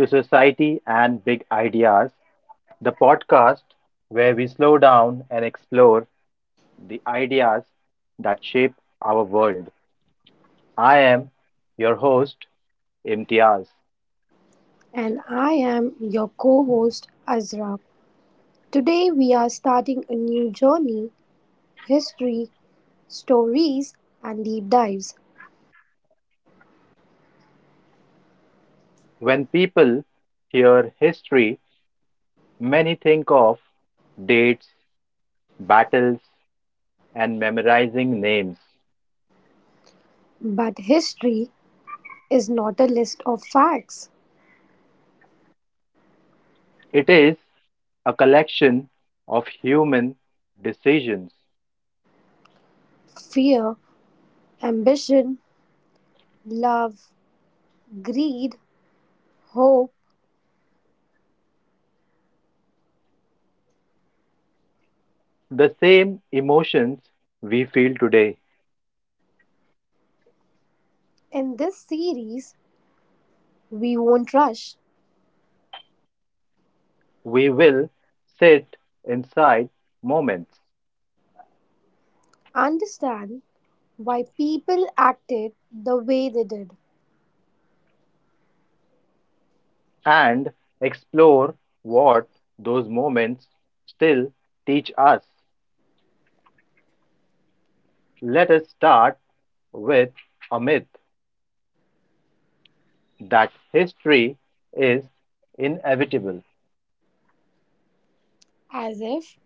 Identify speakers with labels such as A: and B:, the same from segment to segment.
A: to Society and Big Ideas, the podcast where we slow down and explore the ideas that shape our world. I am your host, Imtiaz.
B: And I am your co host Azra. Today we are starting a new journey: history, stories, and deep dives.
A: When people hear history, many think of dates, battles, and memorizing names.
B: But history is not a list of facts.
A: It is a collection of human decisions,
B: Fear, ambition, love, greed, hope.
A: the same emotions we feel today.
B: In this series, we won't rush.
A: We will sit inside moments
B: Understand why people acted the way they did,
A: and explore what those moments still teach us. Let us start with a myth that history is inevitable,
B: as if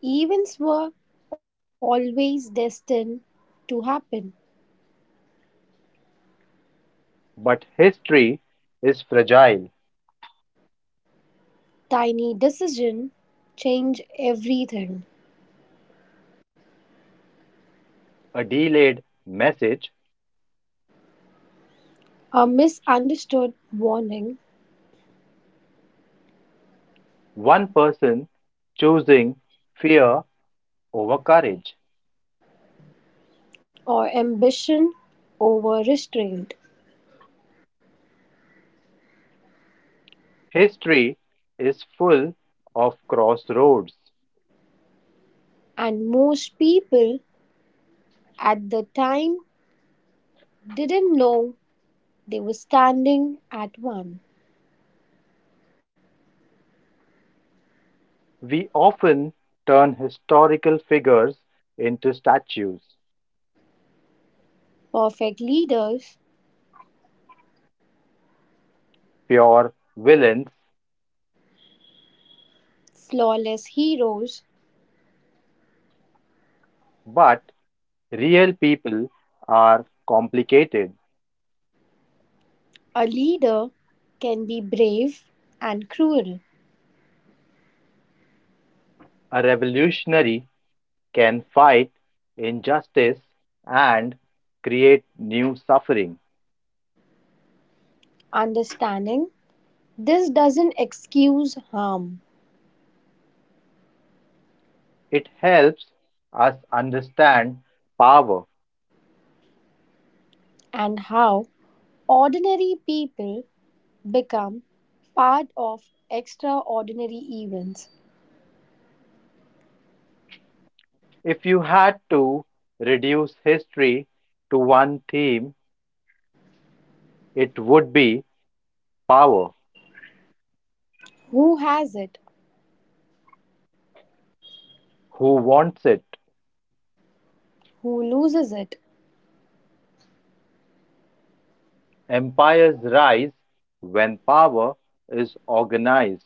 B: events were always destined to happen.
A: but history is fragile.
B: Tiny decision change everything.
A: A delayed message,
B: A misunderstood warning
A: one person choosing fear over courage.
B: or ambition over restraint.
A: History is full of crossroads.
B: And most people at the time didn't know they were standing at one.
A: We often turn historical figures into statues,
B: Perfect leaders,
A: pure villains,
B: flawless heroes,
A: but real people are complicated.
B: a leader can be brave and cruel.
A: A revolutionary can fight injustice and create new suffering.
B: Understanding this doesn't excuse harm
A: It helps us understand power.
B: and how ordinary people become part of extraordinary events.
A: If you had to reduce history to one theme, it would be power.
B: Who has it?
A: Who wants it?
B: Who loses it?
A: Empires rise when power is organized.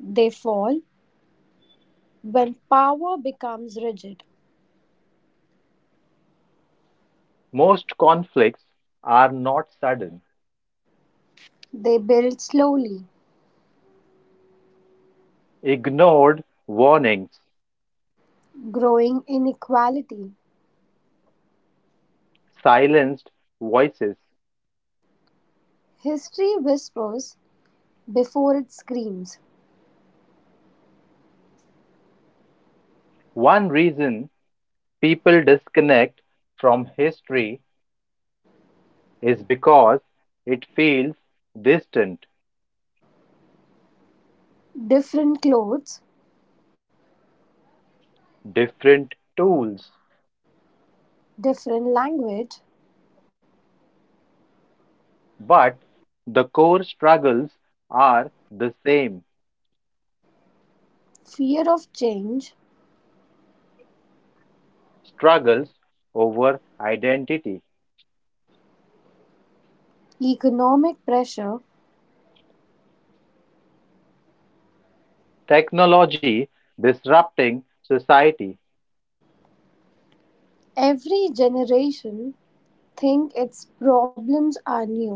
B: They fall when power becomes rigid.
A: Most conflicts are not sudden.
B: They build slowly,
A: Ignored warnings,
B: growing inequality.
A: silenced voices.
B: History whispers before it screams.
A: One reason people disconnect from history is because it feels distant,
B: Different clothes,
A: different tools.
B: different language,
A: But the core struggles are the same,
B: fear of change,
A: struggles over identity,
B: economic pressure.
A: technology disrupting society.
B: Every generation think its problems are new,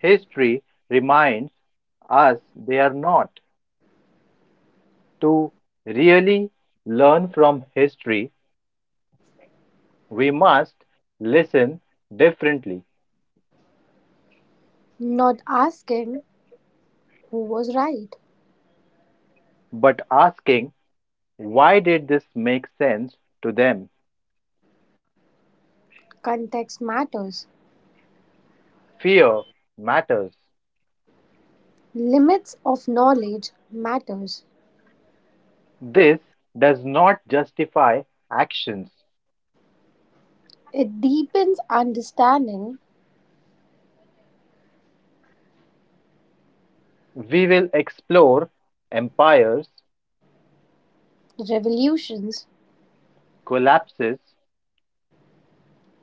A: History reminds us they are not. To really learn from history, we must listen differently,
B: not asking who was right?
A: but asking why did this make sense to them?
B: Context matters.
A: Fear matters.
B: Limits of knowledge matters.
A: This does not justify actions.
B: It deepens understanding,
A: We will explore empires,
B: revolutions,
A: collapses,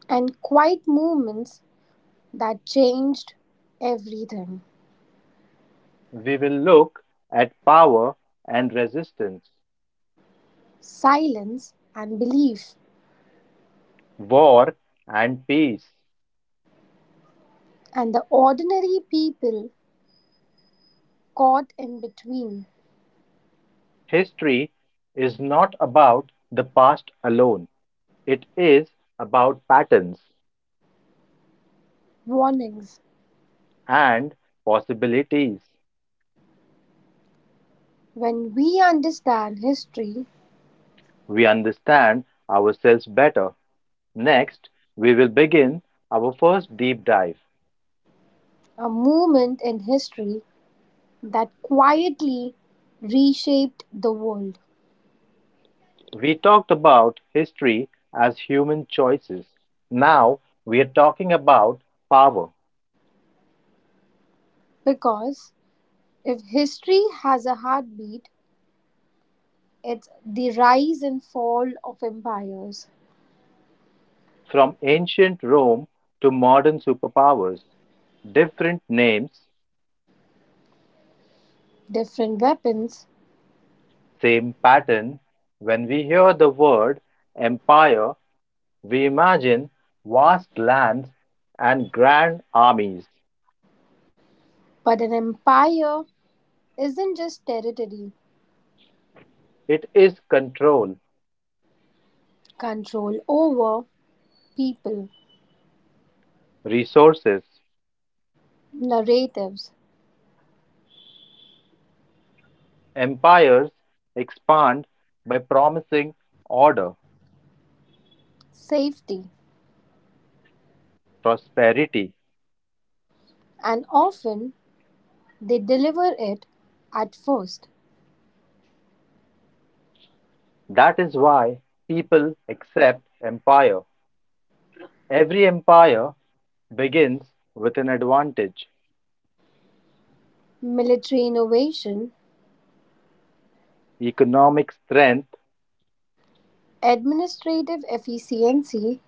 B: and quiet movements that changed everything.
A: we will look at power and resistance,
B: Silence and belief,
A: war and peace.
B: and the ordinary people caught in between.
A: History is not about the past alone, it is about patterns
B: Warnings.
A: and possibilities.
B: When we understand history,
A: We understand ourselves better. Next, we will begin our first deep dive.
B: a movement in history that quietly reshaped the world,
A: We talked about history as human choices. Now we are talking about power.
B: because if history has a heartbeat, it's the rise and fall of empires.
A: From ancient Rome to modern superpowers, different names,
B: Different weapons,
A: same pattern. When we hear the word empire, we imagine vast lands and grand armies.
B: but an empire isn't just territory,
A: It is control,
B: control over people,
A: resources.
B: narratives,
A: Empires expand by promising order,
B: safety,
A: prosperity.
B: and often they deliver it at first.
A: That is why people accept empire. Every empire begins with an advantage.
B: Military innovation,
A: Economic strength,
B: administrative efficiency,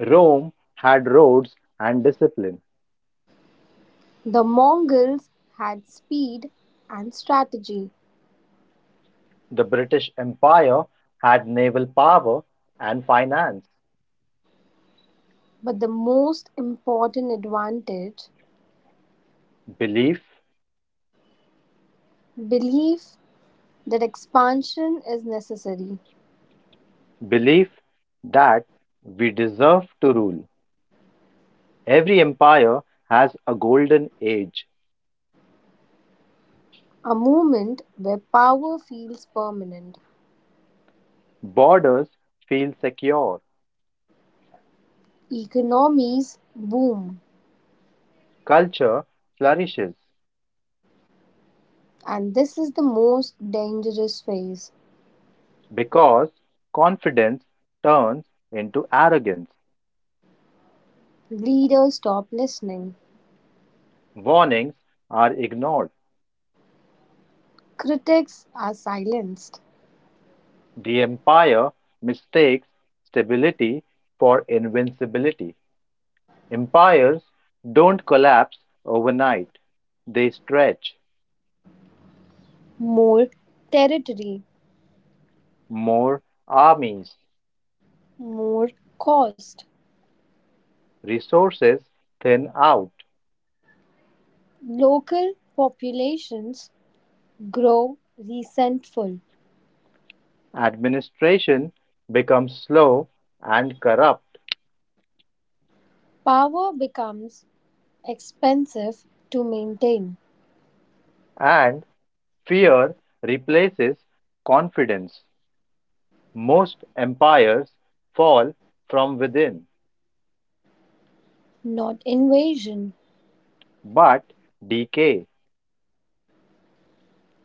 A: Rome had roads and discipline.
B: the Mongols had speed and strategy,
A: The British Empire had naval power and finance.
B: but the most important advantage
A: Belief,
B: belief that expansion is necessary,
A: belief that we deserve to rule. Every empire has a golden age.
B: a movement where power feels permanent.
A: Borders feel secure.
B: Economies boom,
A: Culture flourishes
B: and this is the most dangerous phase.
A: because confidence turns into arrogance.
B: Leaders stop listening,
A: Warnings are ignored.
B: critics are silenced.
A: The empire mistakes stability for invincibility. Empires don't collapse overnight, they stretch.
B: More territory,
A: More armies,
B: more cost.
A: resources thin out,
B: Local populations grow resentful.
A: administration becomes slow and corrupt,
B: Power becomes expensive to maintain,
A: and fear replaces confidence. Most empires fall from within
B: not invasion.
A: but decay.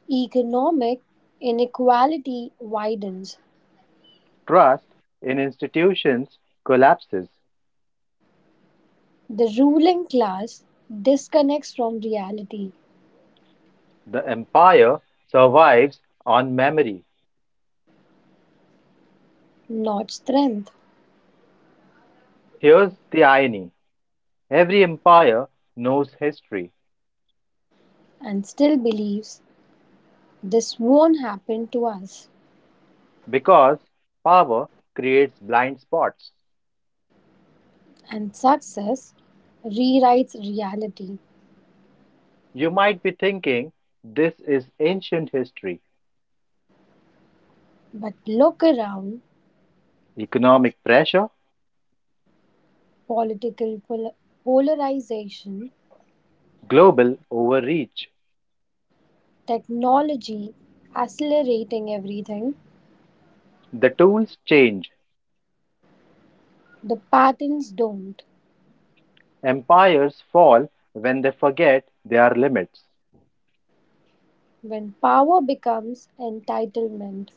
B: Economic inequality widens.
A: Trust in institutions collapses.
B: The ruling class disconnects from reality,
A: The empire survives on memory.
B: not strength,
A: Here's the irony, every empire knows history
B: and still believes this won't happen to us.
A: because power creates blind spots.
B: And success rewrites reality.
A: You might be thinking this is ancient history,
B: But look around
A: economic pressure,
B: political polarization,
A: global overreach.
B: technology accelerating everything,
A: The tools change.
B: the patterns don't.
A: Empires fall when they forget their limits.
B: When power becomes entitlement,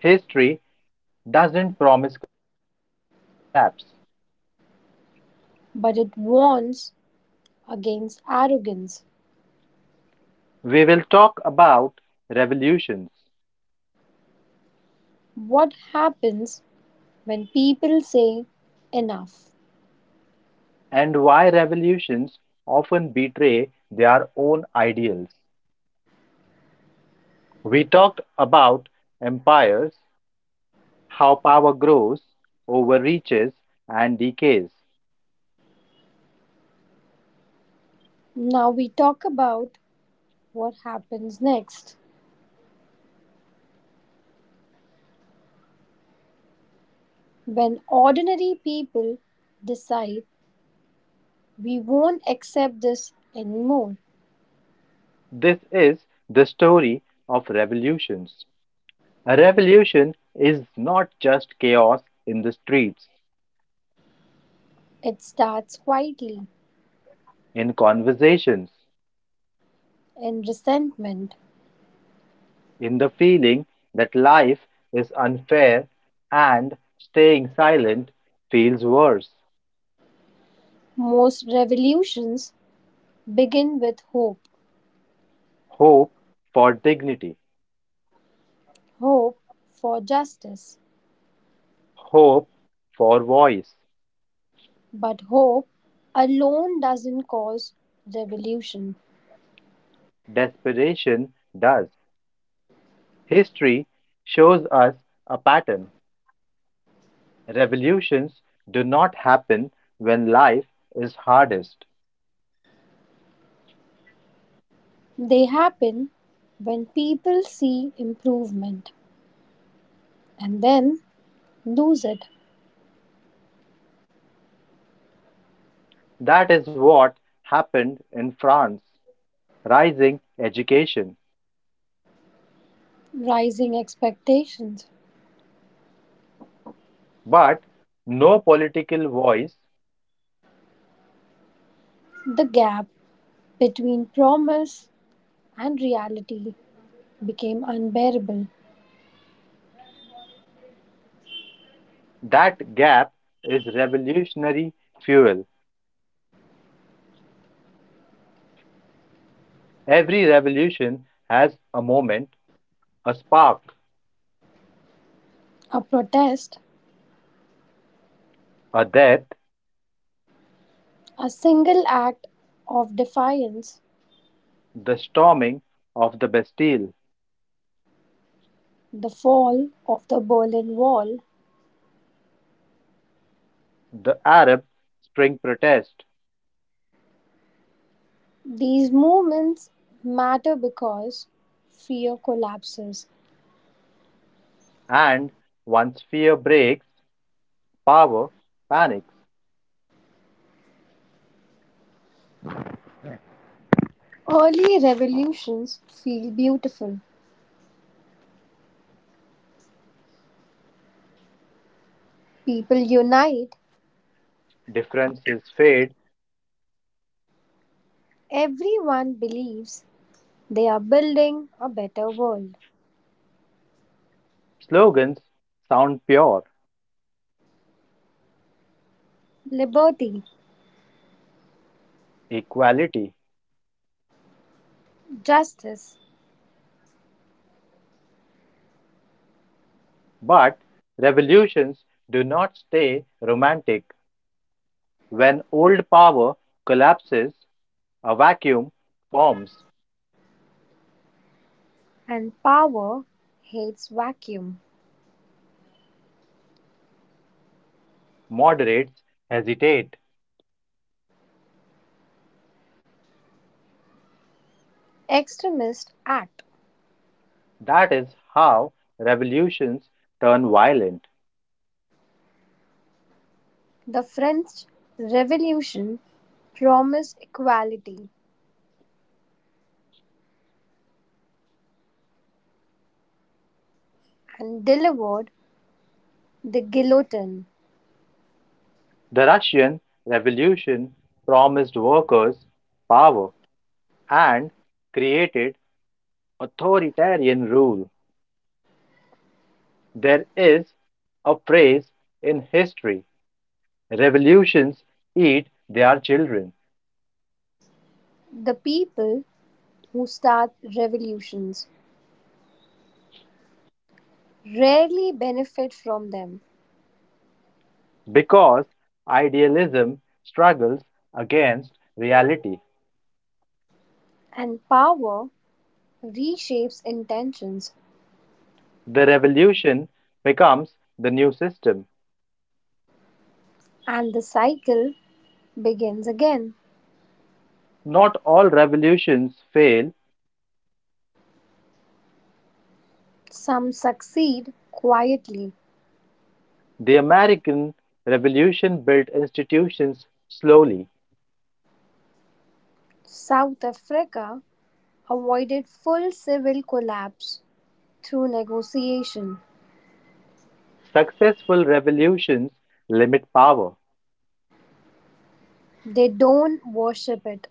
A: History doesn't promise collapse.
B: but it wants against arrogance.
A: We will talk about revolutions
B: What happens when people say enough?
A: and why revolutions often betray their own ideals. We talked about empires, how power grows, overreaches, and decays.
B: Now we talk about what happens next. When ordinary people decide we won't accept this anymore,
A: This is the story of revolutions. A revolution is not just chaos in the streets,
B: it starts quietly
A: in conversations,
B: in resentment.
A: in the feeling that life is unfair and staying silent feels worse.
B: Most revolutions begin with hope,
A: Hope for dignity,
B: hope for justice,
A: hope for voice,
B: but hope alone doesn't cause revolution.
A: desperation does. History shows us a pattern. Revolutions do not happen when life is hardest.
B: They happen when people see improvement and then lose it.
A: That is what happened in France, rising education.
B: Rising expectations.
A: But no political voice.
B: The gap between promise and reality became unbearable.
A: That gap is revolutionary fuel. Every revolution has a moment, a spark,
B: A protest,
A: a death,
B: a single act of defiance,
A: the storming of the Bastille,
B: the fall of the Berlin Wall.
A: the Arab Spring protest,
B: These movements matter because fear collapses.
A: and once fear breaks, power panics,
B: Early revolutions feel beautiful. People unite.
A: differences fade,
B: Everyone believes they are building a better world.
A: slogans sound pure,
B: Liberty,
A: equality.
B: justice,
A: But revolutions do not stay romantic. When old power collapses, a vacuum forms,
B: and power hates vacuum.
A: moderates, hesitate.
B: Extremists act.
A: That is how revolutions turn violent.
B: The French Revolution promised equality and delivered the guillotine.
A: The Russian Revolution promised workers power and created authoritarian rule. There is a phrase in history, revolutions eat their children
B: The people who start revolutions rarely benefit from them,
A: because idealism struggles against reality.
B: and power reshapes intentions,
A: The revolution becomes the new system.
B: and the cycle begins again.
A: Not all revolutions fail.
B: Some succeed quietly.
A: The American Revolution built institutions slowly.
B: South Africa avoided full civil collapse through negotiation.
A: Successful revolutions limit power.
B: They don't worship it.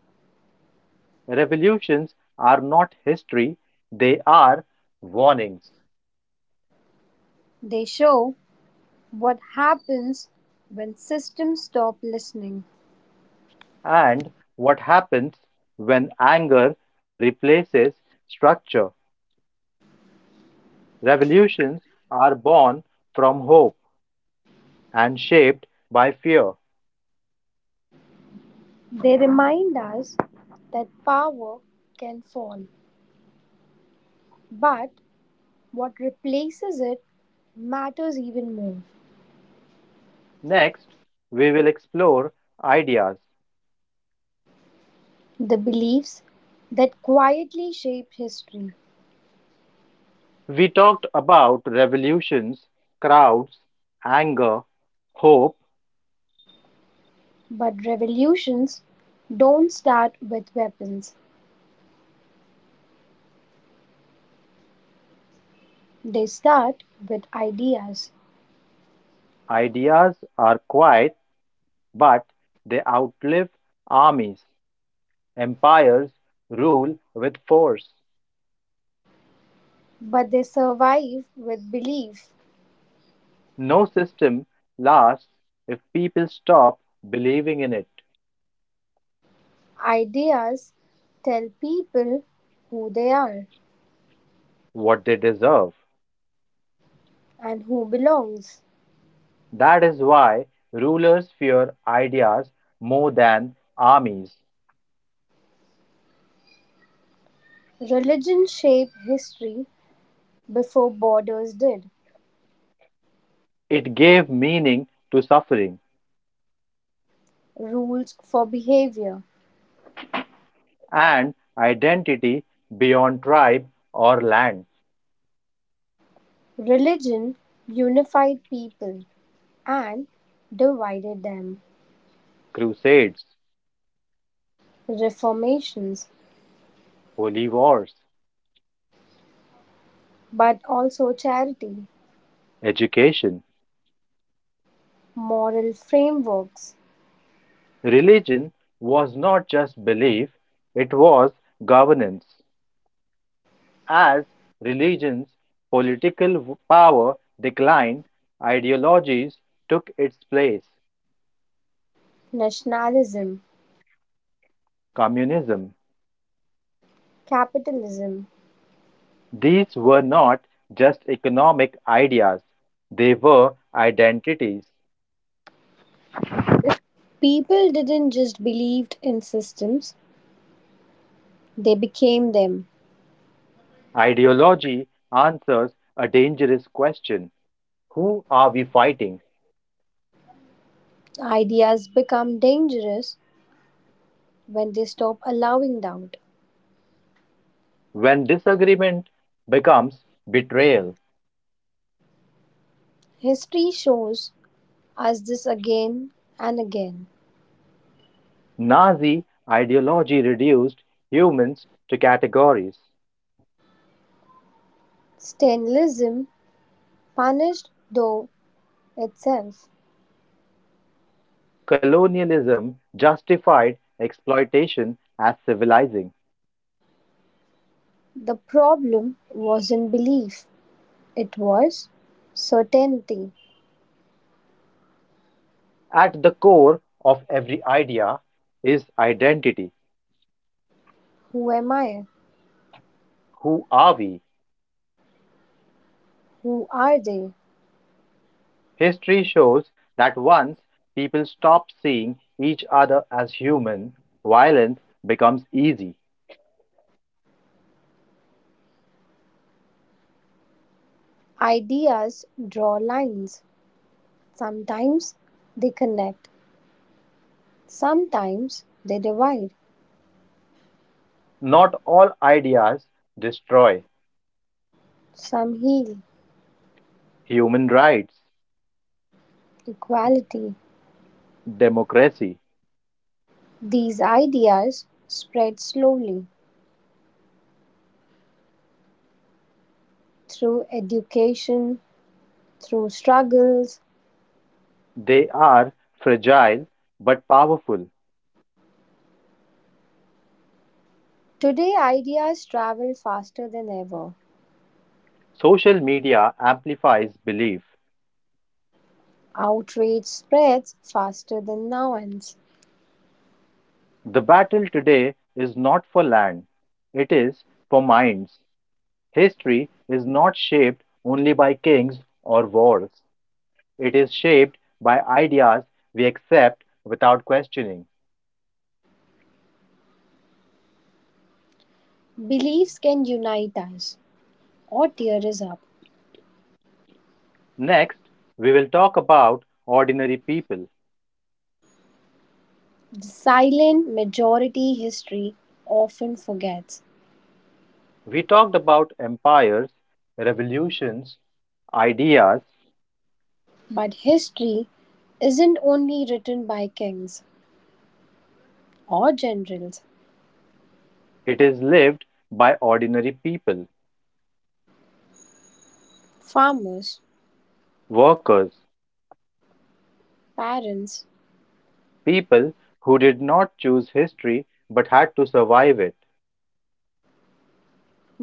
A: Revolutions are not history, they are warnings.
B: They show what happens when systems stop listening.
A: And what happens when anger replaces structure? Revolutions are born from hope and shaped by fear.
B: They remind us that power can fall, but what replaces it matters even more.
A: Next, we will explore ideas.
B: The beliefs that quietly shape history.
A: We talked about revolutions, crowds, anger, hope.
B: But revolutions don't start with weapons, they start with ideas.
A: Ideas are quiet, but they outlive armies. Empires rule with force.
B: But they survive with belief.
A: No system lasts if people stop believing in it,
B: Ideas tell people who they are
A: what they deserve.
B: and who belongs.
A: That is why rulers fear ideas more than armies.
B: Religion shaped history before borders did,
A: It gave meaning to suffering,
B: rules for behavior.
A: and identity beyond tribe or land,
B: Religion unified people and divided them.
A: crusades,
B: Reformations,
A: holy wars,
B: but also charity.
A: education.
B: Moral frameworks,
A: Religion was not just belief, it was governance. As religion's political power declined, ideologies took its place.
B: nationalism,
A: Communism.
B: capitalism.
A: These were not just economic ideas, they were identities.
B: People didn't just believe in systems, they became them.
A: Ideology answers a dangerous question, who are we fighting
B: Ideas become dangerous when they stop allowing doubt.
A: when disagreement becomes betrayal?
B: History shows us this again and again.
A: Nazi ideology reduced humans to categories.
B: Stalinism punished though itself.
A: Colonialism justified exploitation as civilizing.
B: The problem wasn't belief, it was certainty.
A: At the core of every idea is identity.
B: Who am I?
A: Who are we?
B: Who are they?
A: History shows that once people stop seeing each other as human, violence becomes easy.
B: Ideas draw lines, sometimes they connect, sometimes they divide,
A: Not all ideas destroy.
B: some heal,
A: Human rights,
B: equality.
A: democracy,
B: These ideas spread slowly through education, through struggles.
A: they are fragile but powerful.
B: Today, ideas travel faster than ever.
A: Social media amplifies belief.
B: Outrage spreads faster than nouns.
A: The battle today is not for land, it is for minds. History is not shaped only by kings or wars, it is shaped by ideas we accept without questioning.
B: Beliefs can unite us or tear us up.
A: Next, we will talk about ordinary people.
B: The silent majority history often forgets.
A: We talked about empires, revolutions, ideas.
B: But history isn't only written by kings or generals,
A: It is lived by ordinary people,
B: farmers,
A: workers,
B: parents,
A: people who did not choose history but had to survive it.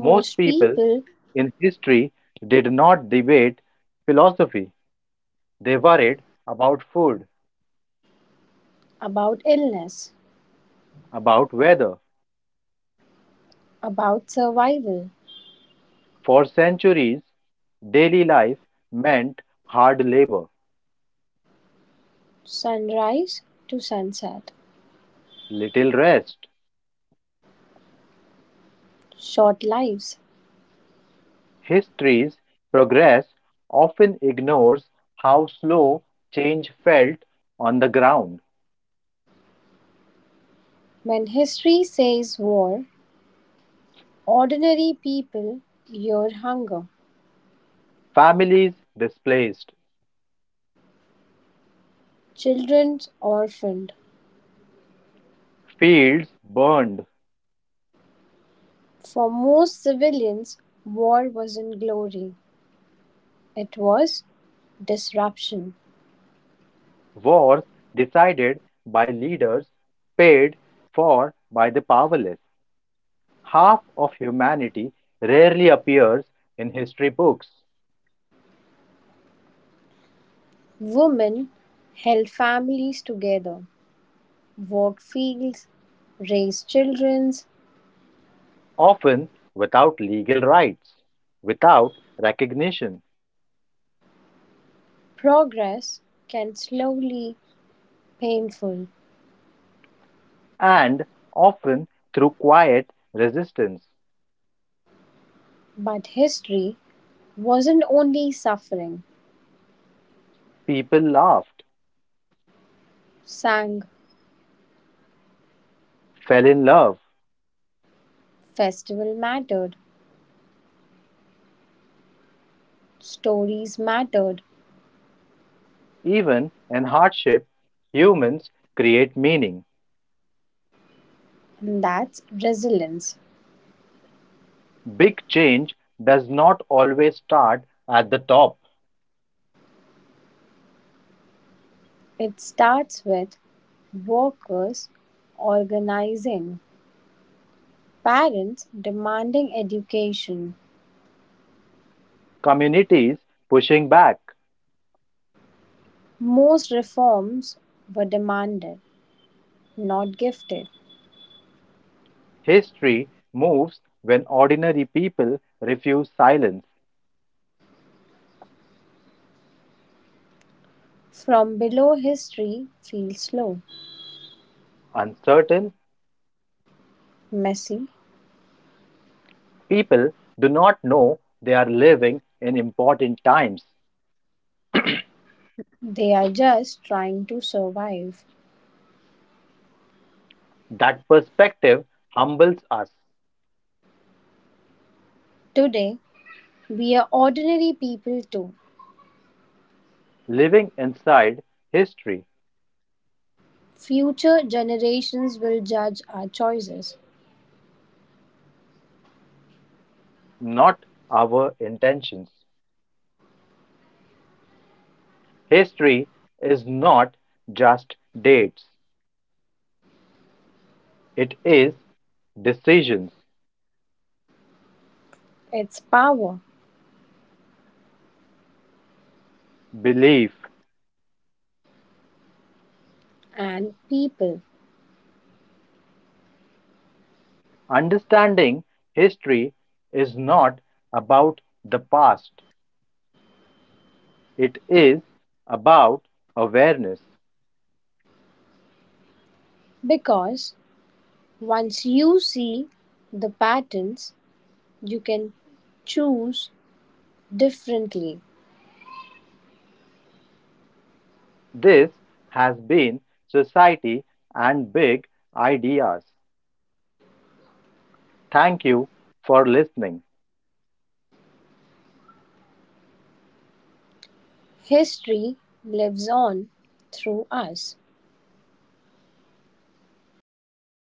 A: Most people
B: people
A: in history did not debate philosophy, they worried about food,
B: about illness,
A: about weather.
B: about survival,
A: For centuries, daily life meant hard labor,
B: sunrise to sunset,
A: little rest.
B: short lives.
A: History's progress often ignores how slow change felt on the ground.
B: When history says war, ordinary people hear hunger,
A: Families displaced,
B: children orphaned.
A: fields burned,
B: For most civilians, war wasn't glory, it was disruption.
A: wars decided by leaders paid for by the powerless. Half of humanity rarely appears in history books,
B: Women held families together, worked fields, raised children.
A: often without legal rights, without recognition,
B: Progress can slowly painful,
A: and often through quiet resistance.
B: but history wasn't only suffering.
A: People laughed,
B: Sang
A: fell in love,
B: festival mattered, stories mattered,
A: even in hardship, humans create meaning.
B: and that's resilience.
A: Big change does not always start at the top.
B: It starts with workers organizing, parents demanding education.
A: Communities pushing back.
B: Most reforms were demanded, not gifted.
A: History moves when ordinary people refuse silence.
B: From below history feels low,
A: Uncertain
B: messy.
A: people do not know they are living in important times.
B: They are just trying to survive.
A: That perspective humbles us,
B: Today, we are ordinary people too.
A: living inside history,
B: Future generations will judge our choices.
A: not our intentions. History is not just dates, it is decisions.
B: It's power
A: Belief.
B: and people.
A: Understanding history is not about the past, it is about awareness.
B: Because once you see the patterns, you can choose differently.
A: This has been Society and Big Ideas. Thank you for listening.
B: History lives on through us.